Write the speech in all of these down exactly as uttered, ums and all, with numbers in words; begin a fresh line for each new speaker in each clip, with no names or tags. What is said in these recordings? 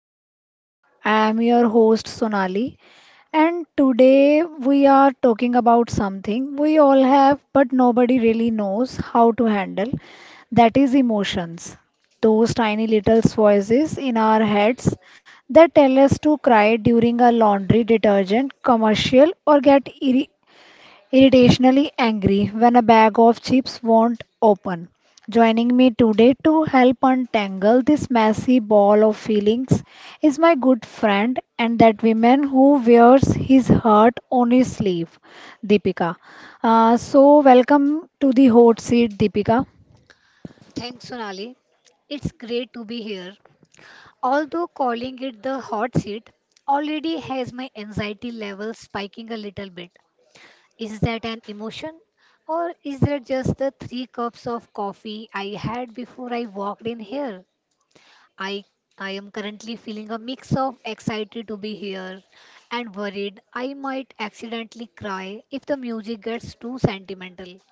Deep Dive. I am your host Sonali, and today we are talking about something we all have but nobody really knows how to handle, that is, emotions. Those tiny little voices in our heads that tell us to cry during a laundry detergent commercial or get ir- irritationally angry when a bag of chips won't open. Joining me today to help untangle this messy ball of feelings is my good friend and that woman who wears his heart on his sleeve, Deepika. Uh, so, welcome to the hot seat, Deepika.
Thanks, Sonali. It's great to be here. Although calling it the hot seat already has my anxiety level spiking a little bit. Is that an emotion? Or is that just the three cups of coffee I had before I walked in here? I I am currently feeling a mix of excited to be here and worried I might accidentally cry if the music gets too sentimental.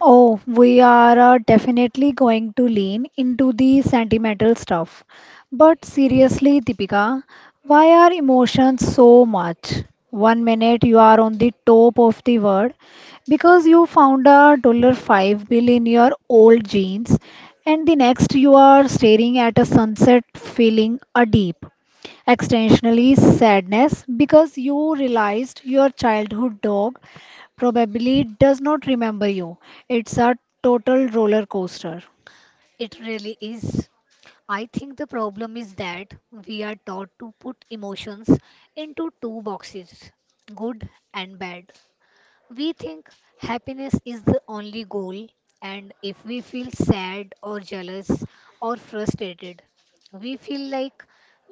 Oh, we are uh, definitely going to lean into the sentimental stuff. But seriously, Deepika, why are emotions so much? One minute you are on the top of the world because you found a dollar five bill in your old jeans, and the next you are staring at a sunset feeling a deep extensionally sadness because you realized your childhood dog probably does not remember you. It's a total roller coaster.
It really is. I think the problem is that we are taught to put emotions into two boxes, good and bad. We think happiness is the only goal, and if we feel sad or jealous or frustrated, we feel like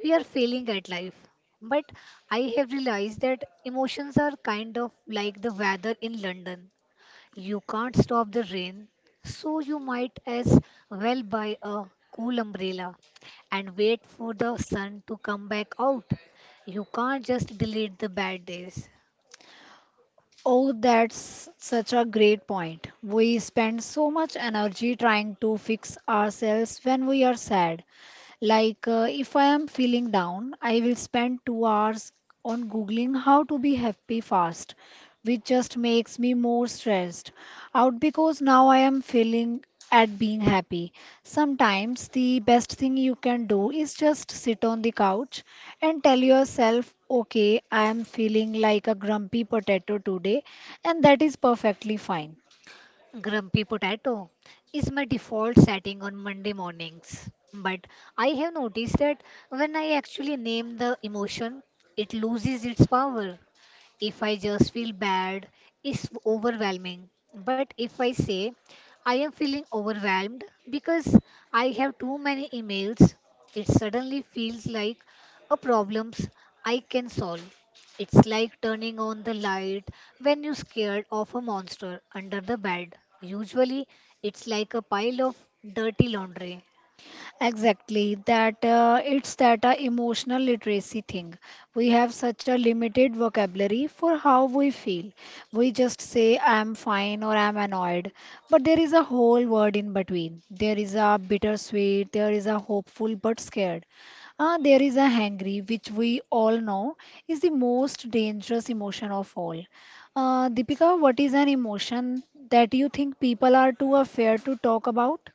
we are failing at life. But I have realized that emotions are kind of like the weather in London. You can't stop the rain, so you might as well buy a cool umbrella and wait for the sun to come back out. You can't just delete the bad days.
Oh, that's such a great point. We spend so much energy trying to fix ourselves when we are sad. Like, uh, if I am feeling down, I will spend two hours on Googling how to be happy fast, which just makes me more stressed out because now I am failing at being happy. Sometimes the best thing you can do is just sit on the couch and tell yourself, okay, I am feeling like a grumpy potato today, and that is perfectly fine.
Grumpy Potato is my default setting on Monday mornings. But I have noticed that when I actually name the emotion, it loses its power. If I just feel bad, it's overwhelming. But if I say I am feeling overwhelmed because I have too many emails, it suddenly feels like a problems I can solve. It's like turning on the light when you're scared of a monster under the bed. Usually, it's like a pile of dirty laundry.
Exactly, that uh, it's that uh, emotional literacy thing. We have such a limited vocabulary for how we feel. We just say, I'm fine or I'm annoyed. But there is a whole word in between. There is a bittersweet, there is a hopeful but scared. Ah, there is a hangry, which we all know is the most dangerous emotion of all. Uh, Deepika, what is an emotion that you think people are too afraid to talk about?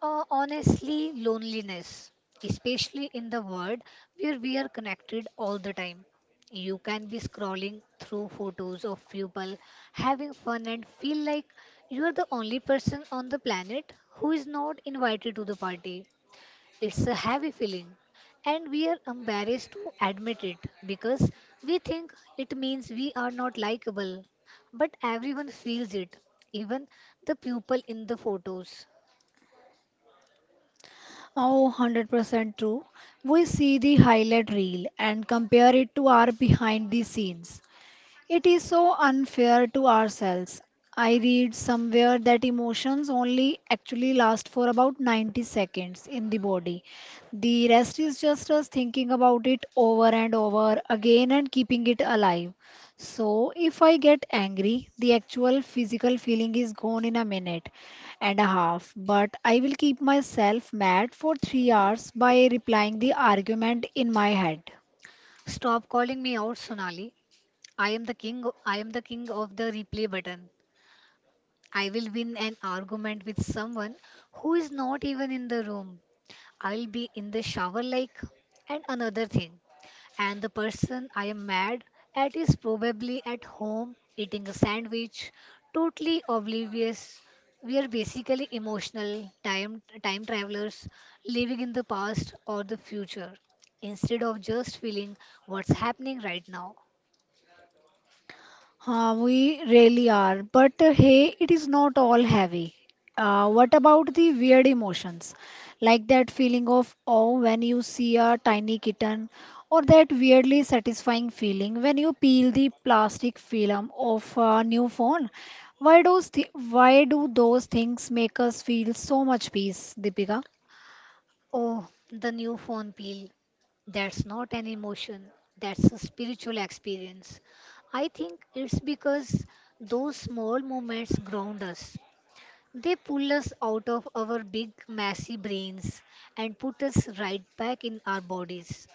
Uh, honestly, loneliness, especially in the world where we are connected all the time. You can be scrolling through photos of people having fun and feel like you are the only person on the planet who is not invited to the party. It's a heavy feeling, and we are embarrassed to admit it because we think it means we are not likable. But everyone feels it, even the people in the photos.
Oh, one hundred percent true. We see the highlight reel and compare it to our behind the scenes. It is so unfair to ourselves. I read somewhere that emotions only actually last for about ninety seconds in the body. The rest is just us thinking about it over and over again and keeping it alive. So, if I get angry, the actual physical feeling is gone in a minute and a half, but I will keep myself mad for three hours by replying the argument in my head.
Stop calling me out, Sonali. I am the king. I am the king of the replay button. I will win an argument with someone who is not even in the room. I'll be in the shower, like, and another thing. And the person I am mad at is probably at home eating a sandwich, totally oblivious. We are basically emotional time time travelers living in the past or the future instead of just feeling what's happening right now.
Uh, we really are. But uh, hey, it is not all heavy. Uh, what about the weird emotions? Like that feeling of awe when you see a tiny kitten, or that weirdly satisfying feeling when you peel the plastic film of a new phone. Why, those thi- why do those things make us feel so much peace, Deepika?
Oh, the new phone peel. That's not an emotion, that's a spiritual experience. I think it's because those small moments ground us. They pull us out of our big, messy brains and put us right back in our bodies.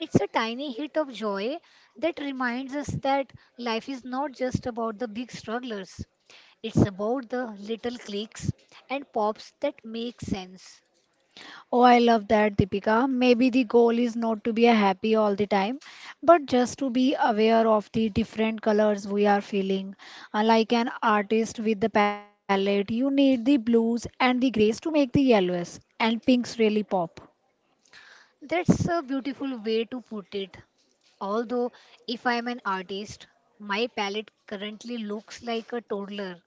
It's a tiny hit of joy that reminds us that life is not just about the big strugglers. It's about the little clicks and pops that make sense.
Oh, I love that, Deepika. Maybe the goal is not to be a happy all the time, but just to be aware of the different colors we are feeling. Uh, Like an artist with the palette, you need the blues and the grays to make the yellows and pinks really pop.
That's a beautiful way to put it. Although, if I am an artist, my palette currently looks like a toddler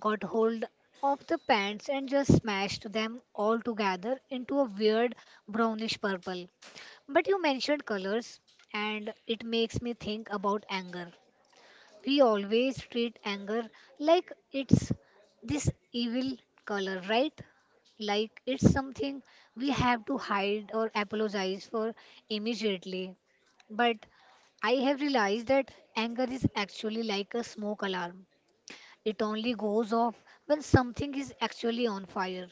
got hold of the pants and just smashed them all together into a weird brownish purple. But you mentioned colors, and it makes me think about anger. We always treat anger like it's this evil color, right? Like it's something we have to hide or apologize for immediately. But I have realized that anger is actually like a smoke alarm. It only goes off when something is actually on fire.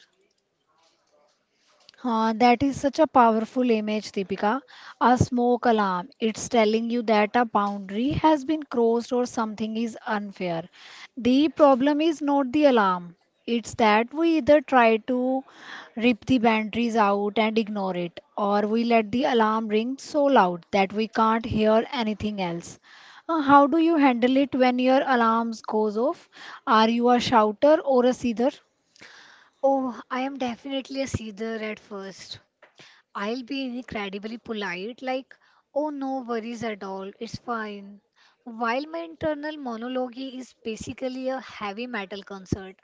Uh, that is such a powerful image, Deepika. A smoke alarm. It's telling you that a boundary has been crossed or something is unfair. The problem is not the alarm. It's that we either try to rip the boundaries out and ignore it, or we let the alarm ring so loud that we can't hear anything else. Uh, how do you handle it when your alarms goes off? Are you a shouter or a seether?
Oh, I am definitely a seether at first. I'll be incredibly polite, like, oh, no worries at all, it's fine. While my internal monologue is basically a heavy metal concert.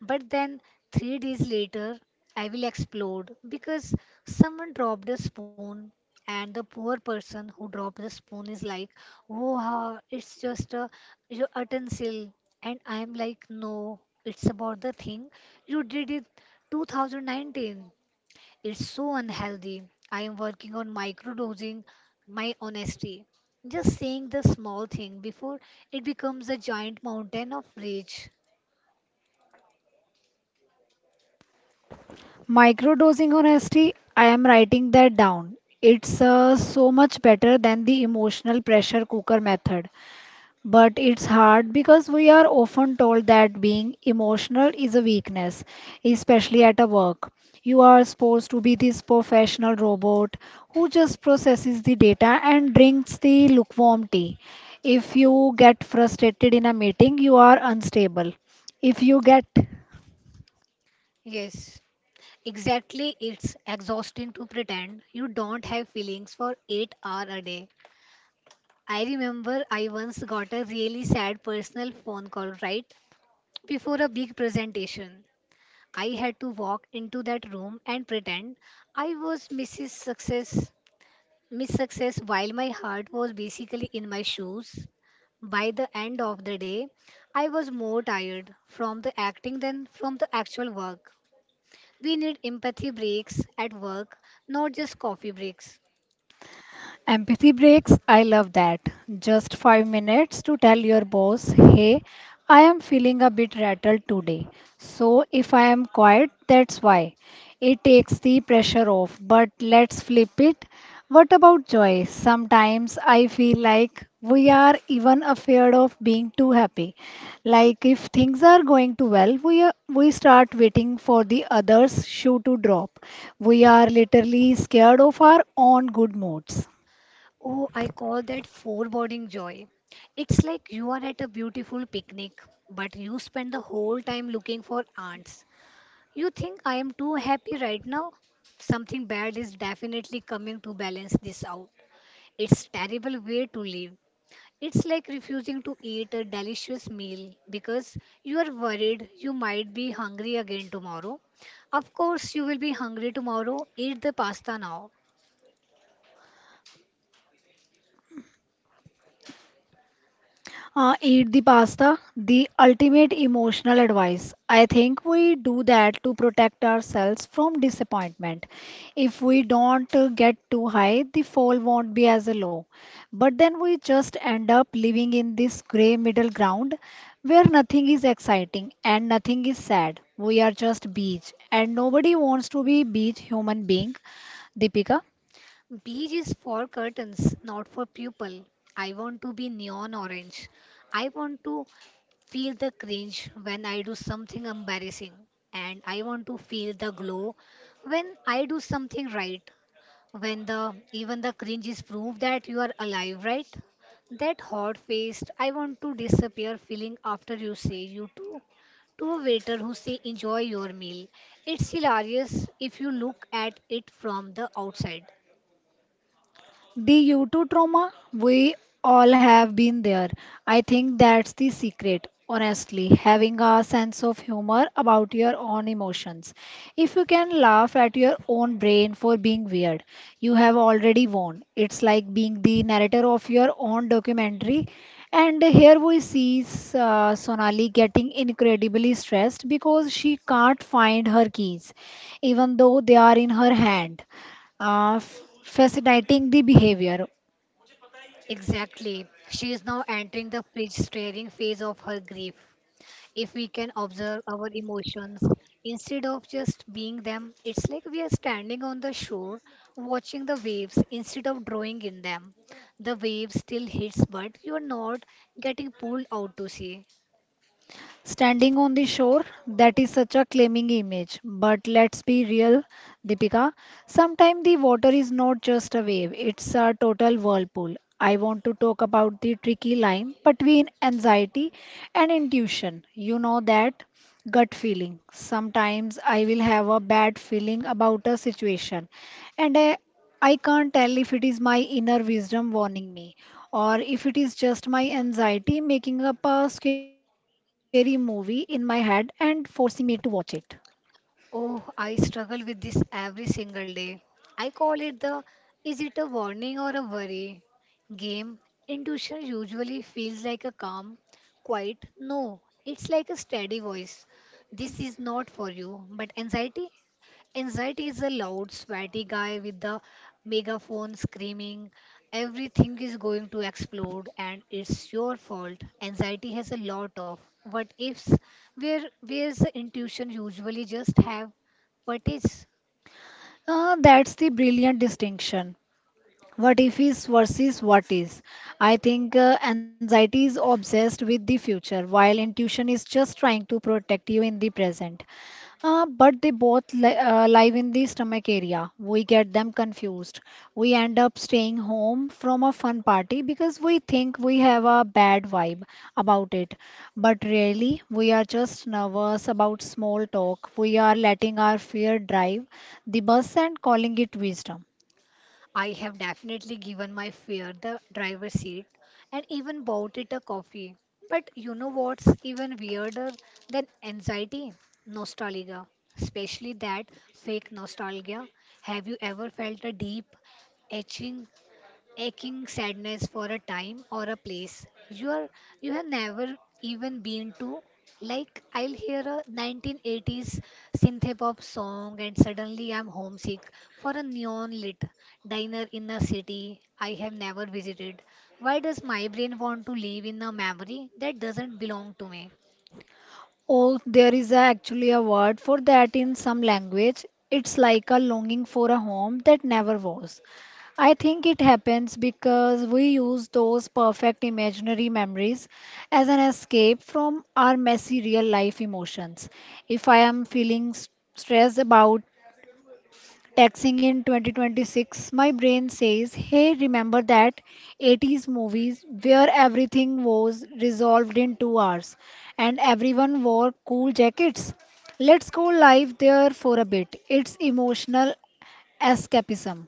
But then, three days later, I will explode because someone dropped a spoon, and the poor person who dropped the spoon is like, oh, ha, it's just a your utensil. And I'm like, no, it's about the thing you did it two thousand nineteen. It's so unhealthy. I am working on microdosing my honesty. Just saying the small thing before it becomes a giant mountain of rage.
Microdosing honesty, I am writing that down. It's uh, so much better than the emotional pressure cooker method. But it's hard because we are often told that being emotional is a weakness, especially at a work. You are supposed to be this professional robot who just processes the data and drinks the lukewarm tea. If you get frustrated in a meeting, you are unstable. If you get
Yes, exactly. It's exhausting to pretend you don't have feelings for eight hours a day. I remember I once got a really sad personal phone call right before a big presentation. I had to walk into that room and pretend I was missus Success, Miss Success, while my heart was basically in my shoes, by the end of the day, I was more tired from the acting than from the actual work. We need empathy breaks at work, not just coffee breaks.
empathy breaks, I love that. Just five minutes to tell your boss, hey, I am feeling a bit rattled today. So if I am quiet, that's why. It takes the pressure off. But let's flip it. What about joy? Sometimes I feel like we are even afraid of being too happy. Like if things are going too well, we are, we start waiting for the other's shoe to drop. We are literally scared of our own good moods.
Oh, I call that foreboding joy. It's like you are at a beautiful picnic, but you spend the whole time looking for ants. You think I am too happy right now? Something bad is definitely coming to balance this out. It's terrible way to live. It's like refusing to eat a delicious meal because you are worried you might be hungry again tomorrow. Of course, you will be hungry tomorrow. Eat the pasta now.
Uh, eat the pasta, the ultimate emotional advice. I think we do that to protect ourselves from disappointment. If we don't uh, get too high, the fall won't be as low. But then we just end up living in this gray middle ground where nothing is exciting and nothing is sad. We are just beach, and nobody wants to be beach human being, Deepika.
Beige is for curtains, not for people. I want to be neon orange. I want to feel the cringe when I do something embarrassing. And I want to feel the glow when I do something right. When the even the cringes prove that you are alive, right? That hot faced I want to disappear feeling after you say you too to a waiter who say enjoy your meal. It's hilarious if you look at it from the outside.
The U two trauma, we all have been there. I think that's the secret, honestly, having a sense of humor about your own emotions. If you can laugh at your own brain for being weird, you have already won. It's like being the narrator of your own documentary. And here we see uh, Sonali getting incredibly stressed because she can't find her keys, even though they are in her hand. Uh, f- fascinating the behavior.
Exactly. She is now entering the pitch staring phase of her grief. If we can observe our emotions instead of just being them, it's like we are standing on the shore watching the waves instead of drawing in them. The wave still hits, but you're not getting pulled out to sea.
Standing on the shore, that is such a claiming image. But let's be real, Deepika. Sometimes the water is not just a wave, it's a total whirlpool. I want to talk about the tricky line between anxiety and intuition. You know that gut feeling. Sometimes I will have a bad feeling about a situation and I, I can't tell if it is my inner wisdom warning me or if it is just my anxiety making up a scary movie in my head and forcing me to watch it.
Oh, I struggle with this every single day. I call it the is it a warning or a worry game. Intuition usually feels like a calm, quiet no. It's like a steady voice. This is not for you. But anxiety, anxiety is a loud, sweaty guy with the megaphone screaming, everything is going to explode and it's your fault. Anxiety has a lot of what ifs, where where's the intuition usually just have what is.
Uh, that's the brilliant distinction. What if is versus what is? I think uh, anxiety is obsessed with the future, while intuition is just trying to protect you in the present. Uh, but they both li- uh, live in the stomach area. We get them confused. We end up staying home from a fun party because we think we have a bad vibe about it. But really, we are just nervous about small talk. We are letting our fear drive the bus and calling it wisdom.
I have definitely given my fear the driver's seat and even bought it a coffee. But you know what's even weirder than anxiety? Nostalgia. Especially that fake nostalgia. Have you ever felt a deep etching aching sadness for a time or a place you are you have never even been to? Like I'll hear a nineteen eighties synth-pop song and suddenly I'm homesick for a neon lit diner in a city I have never visited. Why does my brain want to live in a memory that doesn't belong to me?
Oh, there is a- actually a word for that in some language. It's like a longing for a home that never was. I think it happens because we use those perfect imaginary memories as an escape from our messy real life emotions. If I am feeling s- stressed about taxing in twenty twenty-six, my brain says, hey, remember that eighties movies where everything was resolved in two hours and everyone wore cool jackets? Let's go live there for a bit. It's emotional escapism.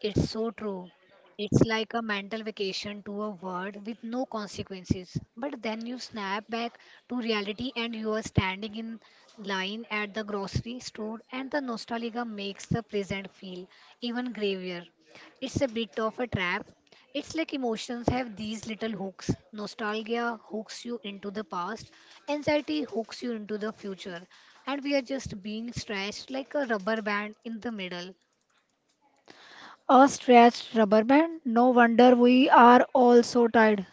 It's so true. It's like a mental vacation to a world with no consequences. But then you snap back to reality and you are standing in line at the grocery store, and the nostalgia makes the present feel even graver. It's a bit of a trap. It's like emotions have these little hooks. Nostalgia hooks you into the past, anxiety hooks you into the future, and we are just being stretched like a rubber band in the middle.
A stretched rubber band? No wonder we are all so tired.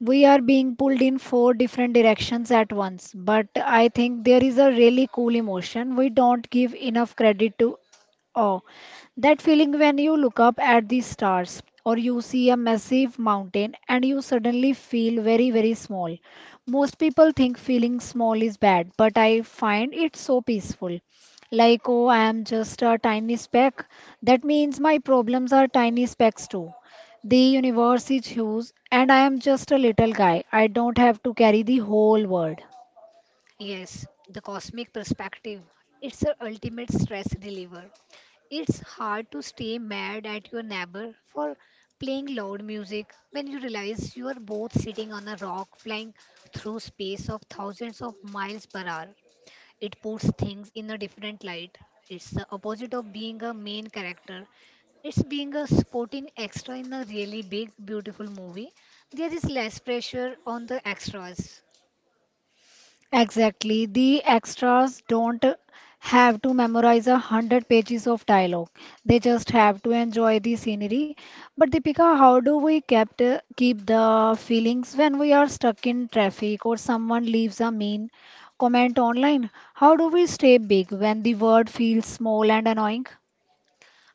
We are being pulled in four different directions at once. But I think there is a really cool emotion we don't give enough credit to. Oh, that feeling when you look up at the stars or you see a massive mountain and you suddenly feel very, very small. Most people think feeling small is bad, but I find it so peaceful. Like, oh, I am just a tiny speck. That means my problems are tiny specks too. The universe is huge, and I am just a little guy. I don't have to carry the whole world.
Yes, the cosmic perspective. It's a ultimate stress reliever. It's hard to stay mad at your neighbor for playing loud music when you realize you are both sitting on a rock flying through space of thousands of miles per hour. It puts things in a different light. It's the opposite of being a main character. It's being a supporting extra in a really big, beautiful movie. There is less pressure on the extras.
Exactly. The extras don't have to memorize a hundred pages of dialogue. They just have to enjoy the scenery. But Deepika, how do we kept, keep the feelings when we are stuck in traffic or someone leaves a mean comment online? How do we stay big when the world feels small and annoying?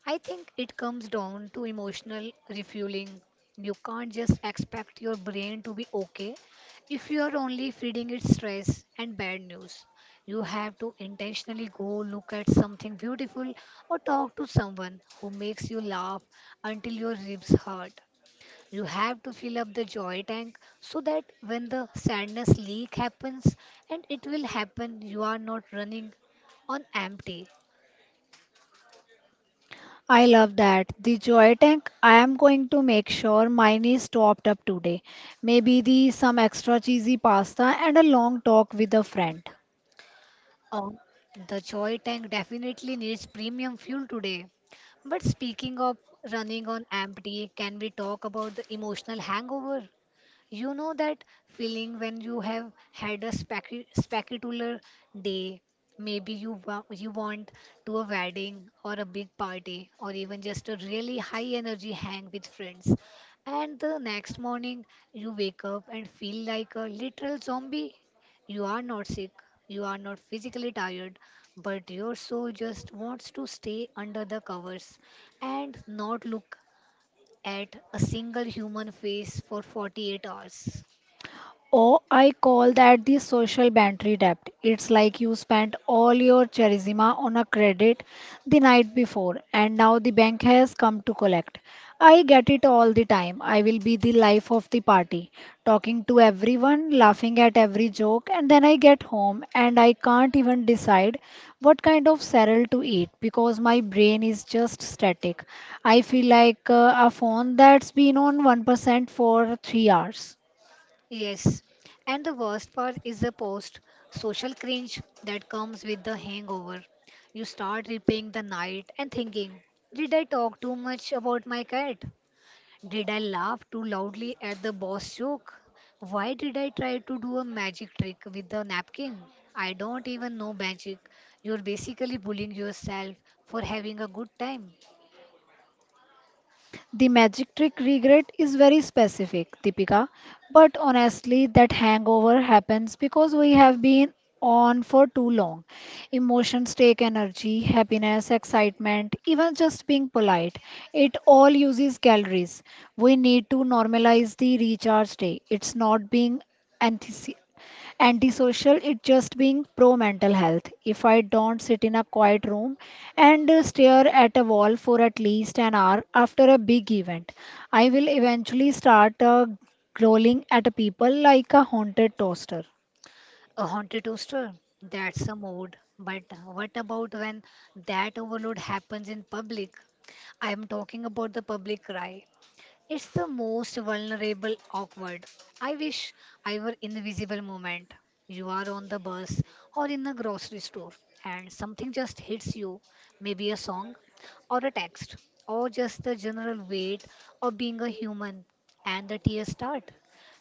I think it comes down to emotional refueling. You can't just expect your brain to be okay if you are only feeding it stress and bad news. You have to intentionally go look at something beautiful or talk to someone who makes you laugh until your ribs hurt. You have to fill up the joy tank so that when the sadness leak happens, and it will happen, you are not running on empty.
I love that. The joy tank, I am going to make sure mine is topped up today. Maybe the some extra cheesy pasta and a long talk with a friend.
Um, the joy tank definitely needs premium fuel today. But speaking of running on empty, can we talk about the emotional hangover? You know that feeling when you have had a specu- spectacular day. Maybe you wa- you want to a wedding or a big party or even just a really high energy hang with friends. And the next morning you wake up and feel like a literal zombie. You are not sick, you are not physically tired, but your soul just wants to stay under the covers and not look at a single human face for forty-eight hours.
Oh, I call that the social battery debt. It's like you spent all your charisma on a credit the night before, and now the bank has come to collect. I get it all the time. I will be the life of the party, talking to everyone, laughing at every joke, and then I get home and I can't even decide what kind of cereal to eat because my brain is just static. I feel like uh, a phone that's been on one percent for three hours.
Yes, and the worst part is the post social cringe that comes with the hangover. You start repaying the night and thinking, did I talk too much about my cat? Did I laugh too loudly at the boss joke? Why did I try to do a magic trick with the napkin? I don't even know magic. You're basically bullying yourself for having a good time.
The magic trick regret is very specific, Deepika. But honestly, that hangover happens because we have been on for too long. Emotions take energy, happiness, excitement, even just being polite. It all uses calories. We need to normalize the recharge day. It's not being anti- antisocial, it just being pro mental health. If I don't sit in a quiet room and uh, stare at a wall for at least an hour after a big event, I will eventually start uh, growling at people like a haunted toaster.
A haunted toaster? That's a mode. But what about when that overload happens in public? I am talking about the public cry. It's the most vulnerable, awkward. I wish I were invisible moment. You are on the bus or in the grocery store and something just hits you, maybe a song or a text or just the general weight of being a human and the tears start.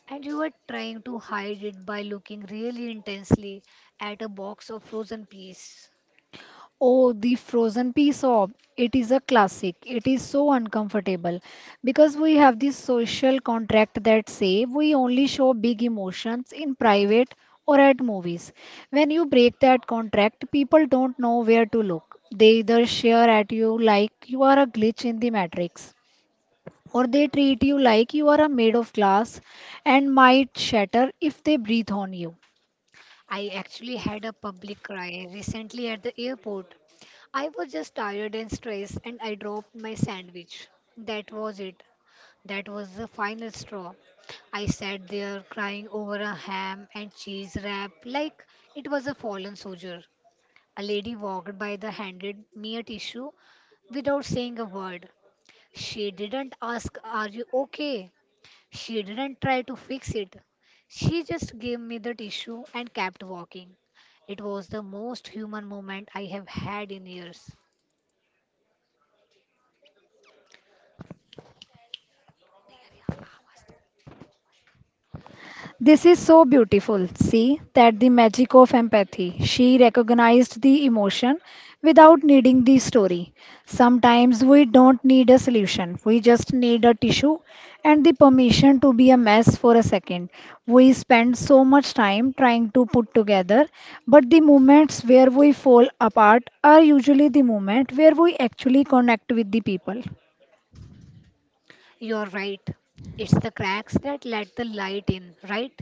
And you are trying to hide it by looking really intensely at a box of frozen peas.
Oh, the frozen piece of it is a classic. It is so uncomfortable because we have this social contract that say we only show big emotions in private or at movies. When you break that contract, people don't know where to look. They either share at you like you are a glitch in the matrix, or they treat you like you are a made of glass and might shatter if they breathe on you.
I actually had a public cry recently at the airport. I was just tired and stressed, and I dropped my sandwich. That was it. That was the final straw. I sat there crying over a ham and cheese wrap like it was a fallen soldier. A lady walked by the handed me a tissue without saying a word. She didn't ask, "Are you okay?" She didn't try to fix it. She just gave me the tissue and kept walking. It was the most human moment I have had in years.
This is so beautiful. See that the magic of empathy. She recognized the emotion without needing the story. Sometimes we don't need a solution, we just need a tissue and the permission to be a mess for a second. We spend so much time trying to put together, but the moments where we fall apart are usually the moment where we actually connect with the people.
You're right. It's the cracks that let the light in, right?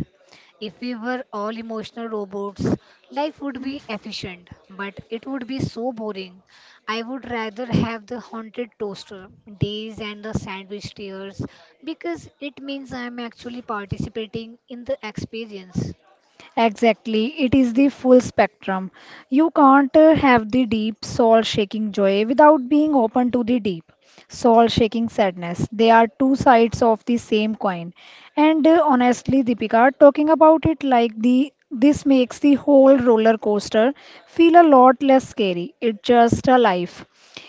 If we were all emotional robots, life would be efficient, but it would be so boring. I would rather have the haunted toaster days and the sandwich tears because it means I'm actually participating in the experience.
Exactly, it is the full spectrum. You can't uh, have the deep soul shaking joy without being open to the deep soul shaking sadness. They are two sides of the same coin. And uh, honestly, Deepika, talking about it like the this makes the whole roller coaster feel a lot less scary. It's just a life.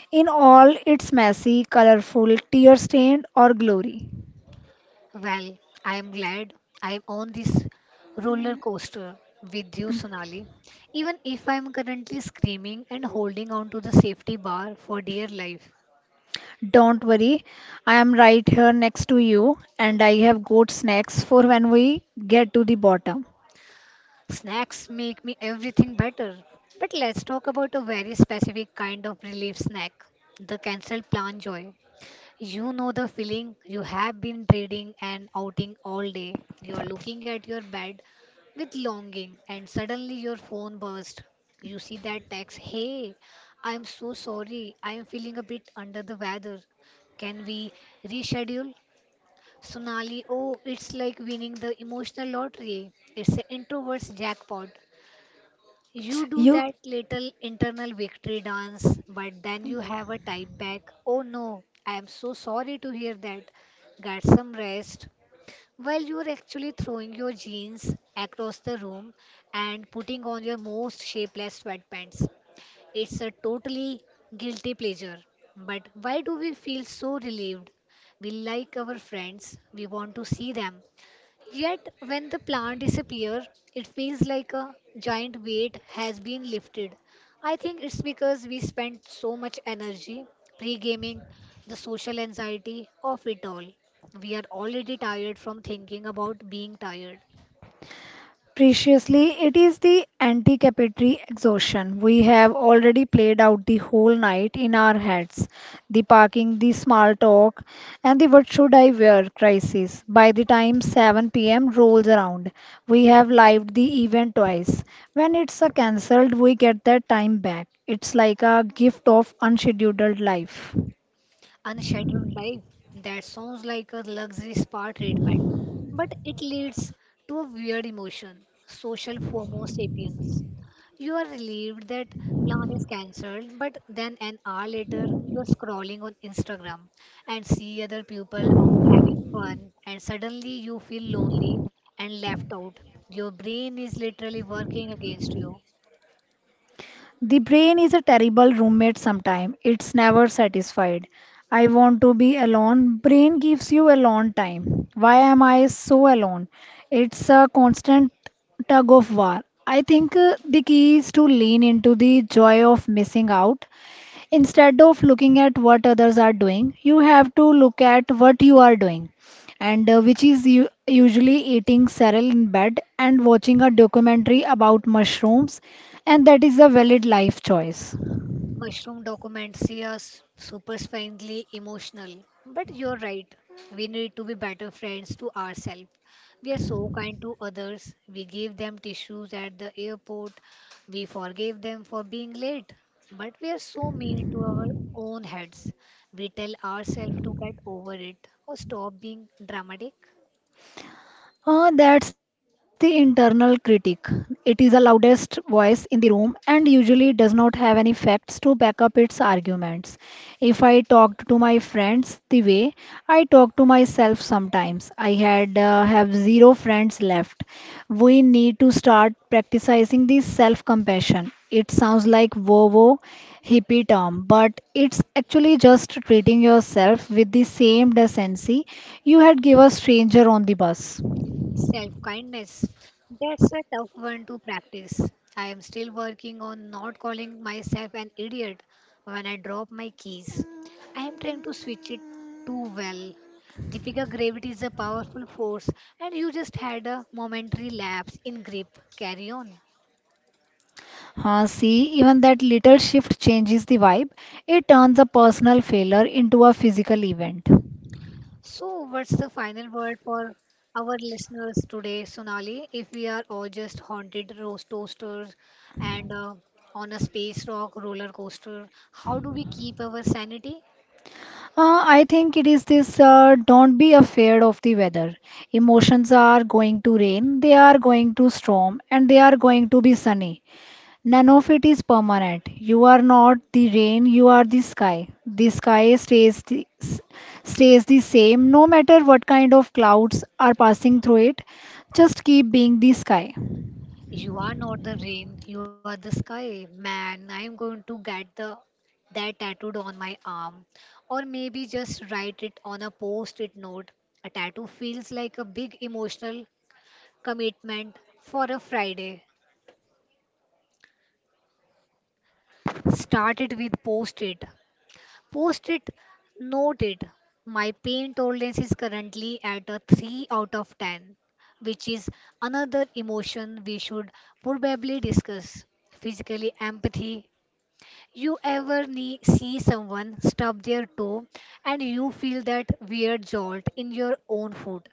In all its messy, colorful, tear stained, or glory.
Well, I am glad I am on this roller coaster with you, Sonali. Even if I am currently screaming and holding on to the safety bar for dear life,
Don't worry, I am right here next to you, and I have got snacks for when we get to the bottom.
snacks make me everything better. But let's talk about a very specific kind of relief snack, the cancelled plan joy. You know the feeling. You have been reading and outing all day. You are looking at your bed with longing, and suddenly your phone bursts. You see that text, "Hey, I'm so sorry. I am feeling a bit under the weather. Can we reschedule?" Sonali, oh, it's like winning the emotional lottery. It's an introvert's jackpot. You do
You
that little internal victory dance, but then you have a type back, "Oh no, I am so sorry to hear that. Get some rest." While you are actually throwing your jeans across the room and putting on your most shapeless sweatpants. It's a totally guilty pleasure. But why do we feel so relieved? We like our friends, we want to see them, yet when the plant disappears, it feels like a giant weight has been lifted. I think it's because we spent so much energy pre gaming the social anxiety of it all. We are already tired from thinking about being tired.
Preciously, it is the anticipatory exhaustion. We have already played out the whole night in our heads. The parking, the small talk, and the what should I wear crisis. By the time seven p m rolls around, we have lived the event twice. When it's a cancelled, we get that time back. It's like a gift of unscheduled life.
Unscheduled life, that sounds like a luxury spa treatment, but it leads to a weird emotion, social FOMO sapiens. You are relieved that plan is cancelled, but then an hour later, you're scrolling on Instagram and see other people out having fun, and suddenly you feel lonely and left out. Your brain is literally working against you.
The brain is a terrible roommate sometimes. It's never satisfied. I want to be alone. Brain gives you alone time. Why am I so alone? It's a constant tug of war. I think uh, the key is to lean into the joy of missing out. Instead of looking at what others are doing, you have to look at what you are doing, and uh, which is u- usually eating cereal in bed and watching a documentary about mushrooms, and that is a valid life choice.
Mushroom documentaries are superficially emotional, but you're right. We need to be better friends to ourselves. We are so kind to others. We give them tissues at the airport. We forgive them for being late. But we are so mean to our own heads. We tell ourselves to get over it or stop being dramatic.
Uh, that's the internal critic. It is the loudest voice in the room and usually does not have any facts to back up its arguments. If I talked to my friends the way I talk to myself sometimes, I had uh, have zero friends left. We need to start practicing this self-compassion. It sounds like woo-woo hippie term, but it's actually just treating yourself with the same decency you had give a stranger on the bus.
Self kindness. That's a tough one to practice. I am still working on not calling myself an idiot when I drop my keys. I am trying to switch it too. Well, Deepika, gravity is a powerful force, and you just had a momentary lapse in grip. Carry on.
Uh, see, even that little shift changes the vibe. It turns a personal failure into a physical event.
So, what's the final word for our listeners today, Sonali? If we are all just haunted roast toasters and uh, on a space rock roller coaster, how do we keep our sanity?
Uh, I think it is this, uh, don't be afraid of the weather. Emotions are going to rain, they are going to storm, and they are going to be sunny. None of it is permanent. You are not the rain, you are the sky. The sky stays the, s- stays the same no matter what kind of clouds are passing through it. Just keep being the sky.
You are not the rain, you are the sky. Man, I'm going to get the that tattooed on my arm. Or maybe just write it on a post it note. A tattoo feels like a big emotional commitment for a Friday. Start it with post it. Post it noted my pain tolerance is currently at a three out of ten, which is another emotion we should probably discuss. Physically empathy, you ever nee- see someone stub their toe and you feel that weird jolt in your own foot?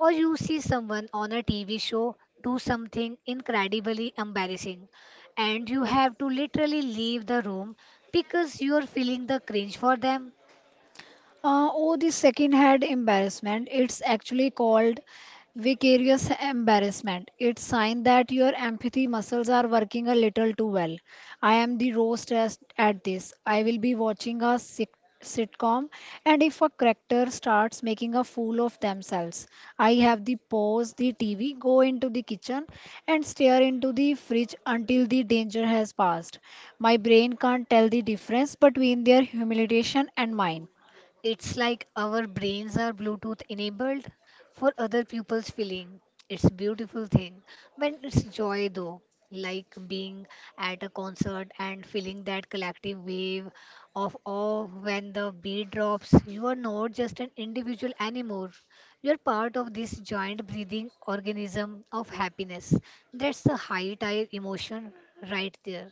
Or you see someone on a T V show do something incredibly embarrassing and you have to literally leave the room because you're feeling the cringe for them?
Uh, oh, the second-hand embarrassment. It's actually called vicarious embarrassment. It's sign that your empathy muscles are working a little too well. I am the raw stressed at this. I will be watching a sit sitcom, and if a character starts making a fool of themselves, I have the pause the T V, go into the kitchen, and stare into the fridge until the danger has passed. My brain can't tell the difference between their humiliation and mine.
It's like our brains are Bluetooth enabled for other people's feeling. It's a beautiful thing. When it's joy though, like being at a concert and feeling that collective wave of awe when the beat drops, you are not just an individual anymore. You're part of this joint breathing organism of happiness. That's the high tire emotion right there.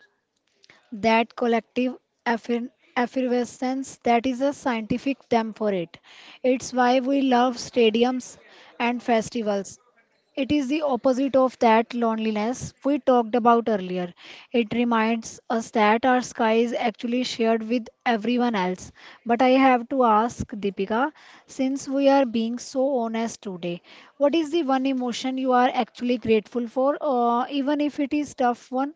That collective effer- effervescence, that is a scientific term for it. It's why we love stadiums and festivals. It is the opposite of that loneliness we talked about earlier. It reminds us that our sky is actually shared with everyone else. But I have to ask, Deepika, since we are being so honest today, what is the one emotion you are actually grateful for, uh, even if it is tough one?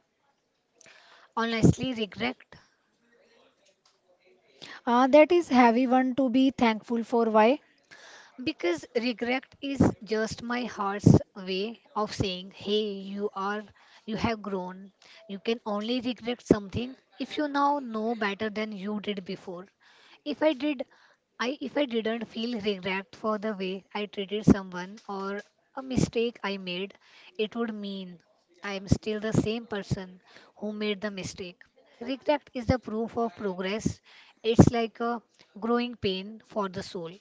Honestly, regret.
Uh, that is heavy one to be thankful for. Why?
Because regret is just my heart's way of saying, hey, you are, you have grown. You can only regret something if you now know better than you did before. If I did, I if I didn't feel regret for the way I treated someone or a mistake I made, it would mean I am still the same person who made the mistake. Regret is the proof of progress. It's like a growing pain for the soul.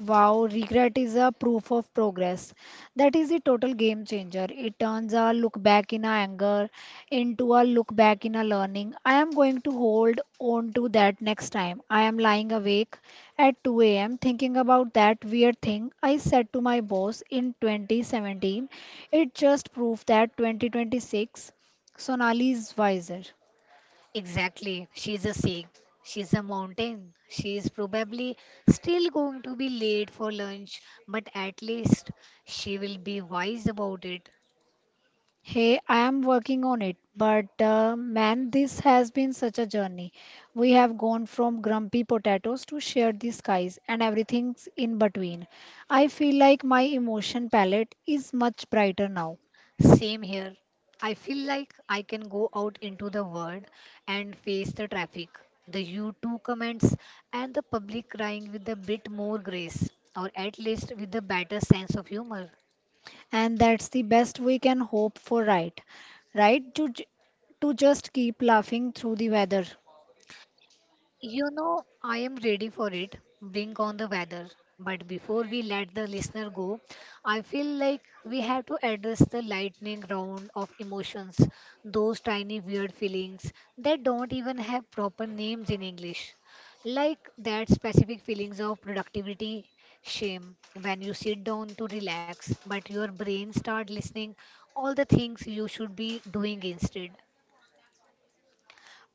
Wow, regret is a proof of progress. That is a total game changer. It turns a look back in a anger into a look back in a learning. I am going to hold on to that next time. I am lying awake at two a m thinking about that weird thing I said to my boss in twenty seventeen. It just proved that twenty twenty-six Sonali is wiser.
Exactly. She's a sink. She's a mountain. She is probably still going to be late for lunch, but at least she will be wise about it.
Hey, I am working on it, but uh, man, this has been such a journey. We have gone from grumpy potatoes to share the skies and everything in between. I feel like my emotion palette is much brighter now,
Same here. I feel like I can go out into the world and face the traffic, the U two comments, and the public crying with a bit more grace, or at least with a better sense of humor.
and that's the best we can hope for, right? Right? To, j- to just keep laughing through the weather.
You know, I am ready for it. Bring on the weather. But before we let the listener go, I feel like we have to address the lightning round of emotions, those tiny weird feelings that don't even have proper names in English. Like that specific feelings of productivity, shame, when you sit down to relax, but your brain start listening all the things you should be doing instead.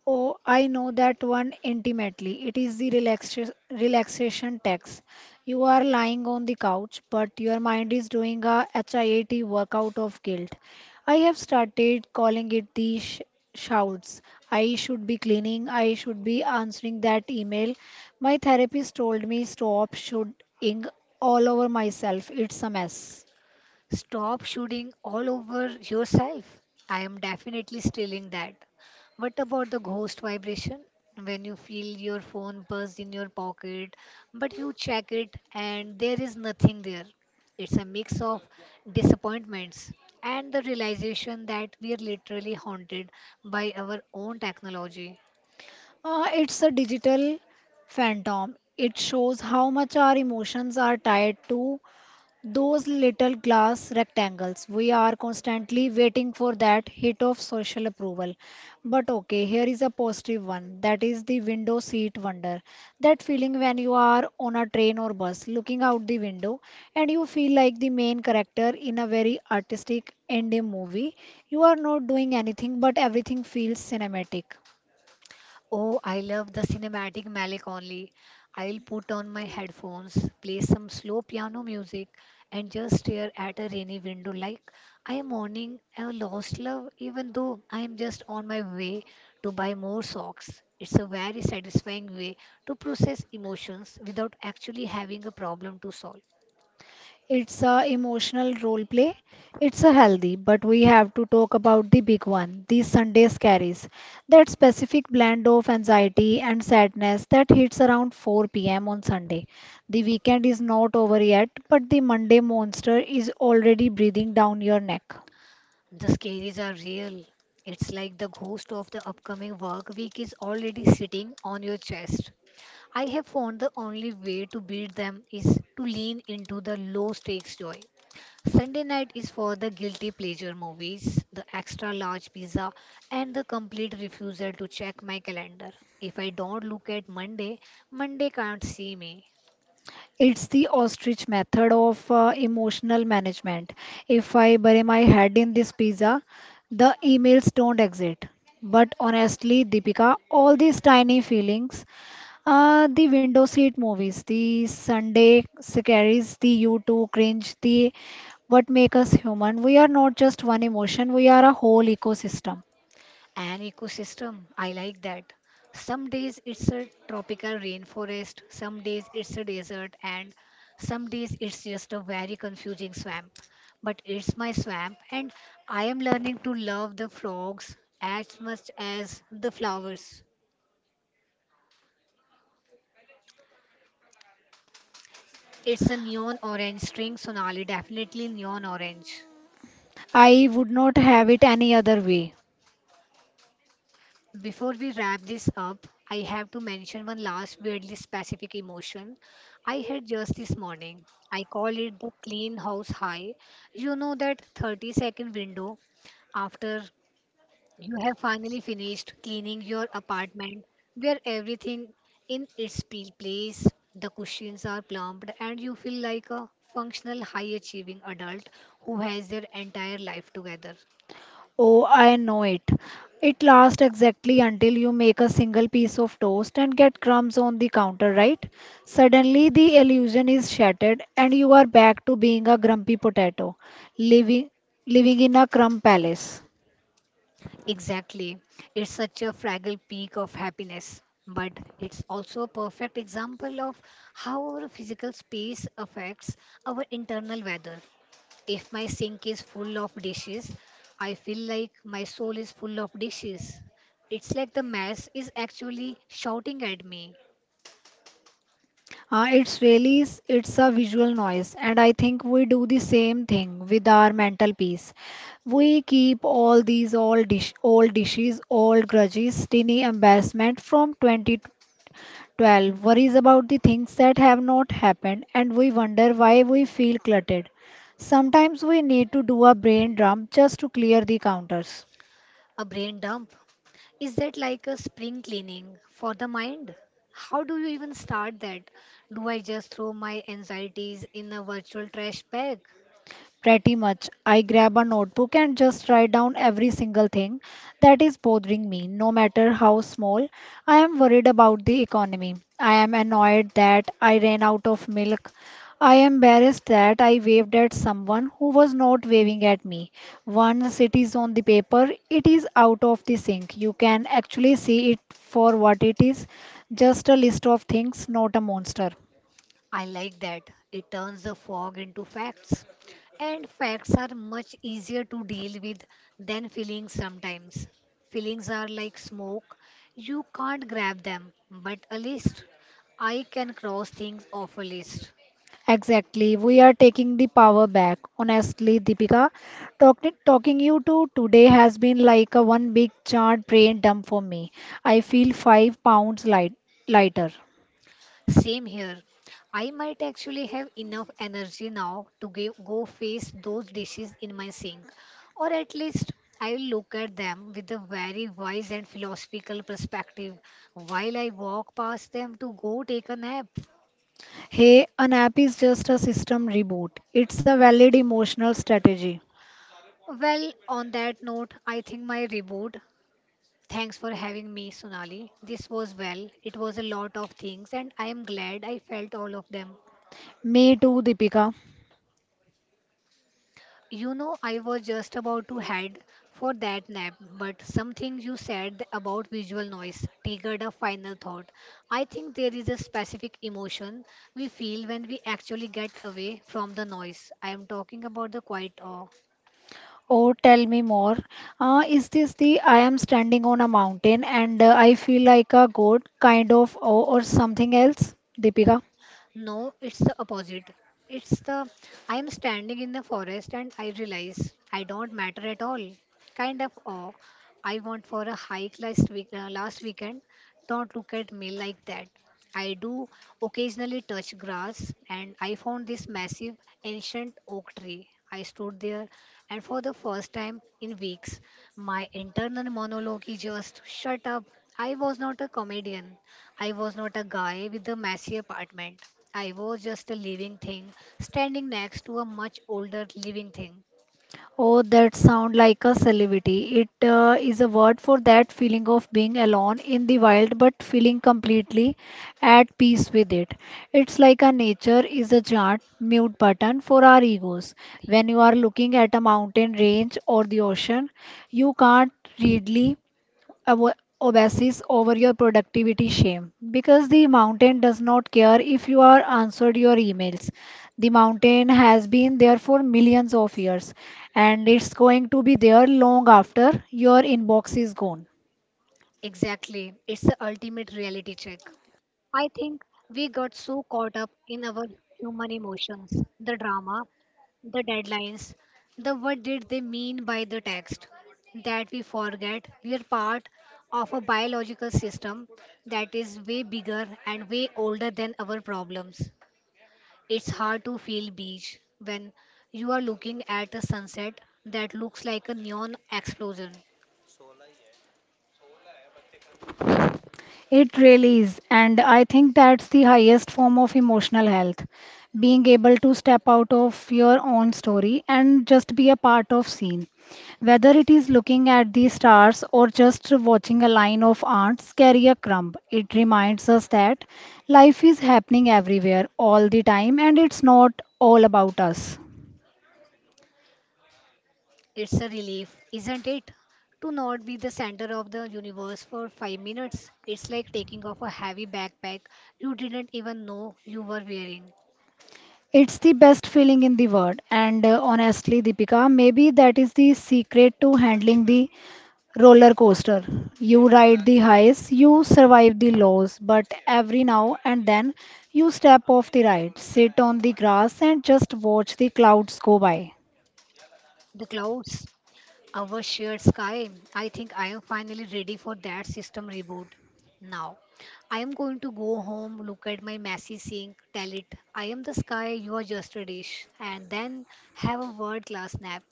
Oh, I know that one intimately. It is the relaxa- relaxation tax. You are lying on the couch, but your mind is doing a HIIT workout of guilt. I have started calling it the sh- shouts. I should be cleaning. I should be answering that email. My therapist told me stop shouting all over myself. It's a mess.
Stop shooting all over yourself. I am definitely stealing that. What about the ghost vibration? When you feel your phone buzz in your pocket, but you check it and there is nothing there. It's a mix of disappointments and the realization that we are literally haunted by our own technology.
Uh, it's a digital phantom. It shows how much our emotions are tied to those little glass rectangles. We are constantly waiting for that hit of social approval. But okay, here is a positive one, that is the window seat wonder. That feeling when you are on a train or bus looking out the window and you feel like the main character in a very artistic indie movie. You are not doing anything, but everything feels cinematic.
Oh, I love the cinematic Malik only. I'll put on my headphones, play some slow piano music, and just stare at a rainy window like I am mourning a lost love, even though I am just on my way to buy more socks. It's a very satisfying way to process emotions without actually having a problem to solve.
It's a emotional role play. It's a healthy, but we have to talk about the big one. These Sundays carries that specific blend of anxiety and sadness that hits around four p m on Sunday. The weekend is not over yet, but the Monday monster is already breathing down your neck.
The scaries are real. It's like the ghost of the upcoming work week is already sitting on your chest. I have found the only way to beat them is to lean into the low stakes joy. Sunday night is for the guilty pleasure movies, the extra large pizza, and the complete refusal to check my calendar. If I don't look at Monday, Monday can't see me.
It's the ostrich method of uh, emotional management. If I bury my head in this pizza, the emails don't exit. But honestly, Deepika, all these tiny feelings, uh, the window seat movies, the Sunday scaries, the you two cringe, the what make us human. We are not just one emotion, we are a whole ecosystem.
An ecosystem, I like that. Some days it's a tropical rainforest, some days it's a desert, and some days it's just a very confusing swamp. But it's my swamp, and I am learning to love the frogs as much as the flowers. It's a neon orange string, Sonali, definitely neon orange.
I would not have it any other way.
Before we wrap this up, I have to mention one last weirdly specific emotion I had just this morning. I call it the clean house high. You know that thirty second window after you have finally finished cleaning your apartment where everything in its pe- place, the cushions are plumped, and you feel like a functional, high achieving adult who has their entire life together.
Oh, I know it. It lasts exactly until you make a single piece of toast and get crumbs on the counter, right? Suddenly, the illusion is shattered, and you are back to being a grumpy potato, living living in a crumb palace.
Exactly. It's such a fragile peak of happiness, but it's also a perfect example of how our physical space affects our internal weather. If my sink is full of dishes, I feel like my soul is full of dishes. It's like the mess is actually shouting at me.
Uh, it's really s- it's a visual noise, and I think we do the same thing with our mental peace. We keep all these old dish, old dishes, old grudges, tiny embarrassment from twenty twelve. Worries about the things that have not happened, and we wonder why we feel cluttered. Sometimes we need to do a brain dump just to clear the counters.
A brain dump. Is that like a spring cleaning for the mind? How do you even start that? Do I just throw my anxieties in a virtual trash bag?
Pretty much. I grab a notebook and just write down every single thing that is bothering me, no matter how small. I am worried about the economy. I am annoyed that I ran out of milk. I am embarrassed that I waved at someone who was not waving at me. Once it is on the paper, it is out of the sink. You can actually see it for what it is, just a list of things, not a monster.
I like that. It turns the fog into facts. And facts are much easier to deal with than feelings sometimes. Feelings are like smoke. You can't grab them, but a list. I can cross things off a list.
Exactly. We are taking the power back. Honestly, Deepika, talking talking you to today has been like a one big chart brain dump for me. I feel five pounds light, lighter.
Same here. I might actually have enough energy now to give, go face those dishes in my sink, or at least I will look at them with a very wise and philosophical perspective while I walk past them to go take a nap.
Hey, an app is just a system reboot. It's a valid emotional strategy.
Well, on that note, I think my reboot. Thanks for having me, Sonali. This was well, it was a lot of things, and I am glad I felt all of them.
Me too, Deepika.
You know, I was just about to head for that nap, but something you said about visual noise triggered a final thought. I think there is a specific emotion we feel when we actually get away from the noise. I am talking about the quiet awe.
Oh, tell me more. Uh, is this the I am standing on a mountain and uh, I feel like a goat kind of, or, or something else, Deepika?
No, it's the opposite. It's the I am standing in the forest and I realize I don't matter at all. Kind of awe. I went for a hike last week, uh, last weekend. Don't look at me like that. I do occasionally touch grass and I found this massive ancient oak tree. I stood there and for the first time in weeks my internal monologue is just shut up. I was not a comedian. I was not a guy with a messy apartment. I was just a living thing standing next to a much older living thing.
Oh, that sound like a celebrity. It uh, is a word for that feeling of being alone in the wild but feeling completely at peace with it. It's like a nature is a giant mute button for our egos. When you are looking at a mountain range or the ocean, you can't readily avo- obsess over your productivity shame because the mountain does not care if you are answered your emails. The mountain has been there for millions of years and it's going to be there long after your inbox is gone.
Exactly. It's the ultimate reality check. I think we got so caught up in our human emotions, the drama, the deadlines, the what did they mean by the text, that we forget we are part of a biological system that is way bigger and way older than our problems. It's hard to feel beach when you are looking at a sunset that looks like a neon explosion.
It really is, and I think that's the highest form of emotional health. Being able to step out of your own story and just be a part of scene. Whether it is looking at the stars or just watching a line of ants carry a crumb, it reminds us that life is happening everywhere all the time and it's not all about us.
It's a relief, isn't it? To not be the center of the universe for five minutes. It's like taking off a heavy backpack you didn't even know you were wearing.
It's the best feeling in the world, and uh, honestly, Deepika, maybe that is the secret to handling the roller coaster. You ride the highs, you survive the lows, but every now and then you step off the ride, sit on the grass, and just watch the clouds go by.
The clouds. Our shared sky. I think I am finally ready for that system reboot. Now, I am going to go home, look at my messy sink, tell it, I am the sky, you are just a dish, and then have a world class nap.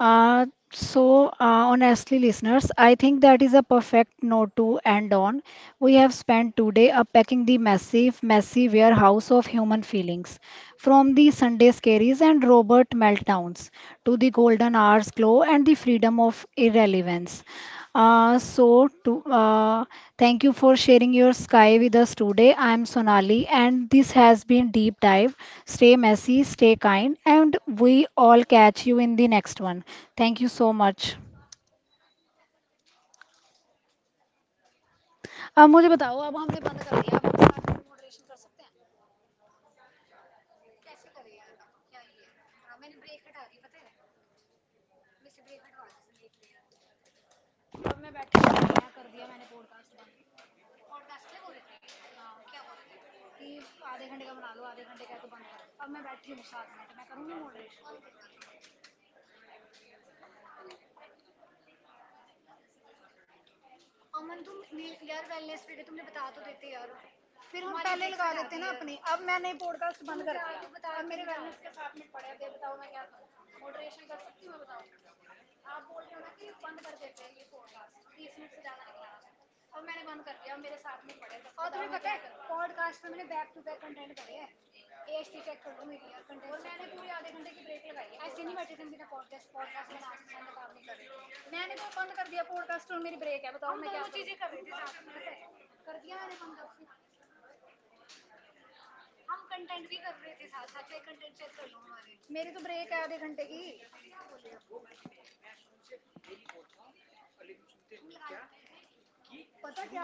Uh, so, uh, honestly, listeners, I think that is a perfect note to end on. We have spent today unpacking the massive, messy warehouse of human feelings, from the Sunday scaries and Robert meltdowns to the golden hour's glow and the freedom of irrelevance. Uh, so, to, uh, thank you for sharing your sky with us today. I'm Sonali, and this has been Deep Dive. Stay messy, stay kind, and we all catch you in the next one. Thank you so much. अब मुझे बताओ। अब हमने बंद कर दिया। अब हम साथ में moderation कर सकते हैं। अब मैं बैठ के कर दिया मैंने podcast।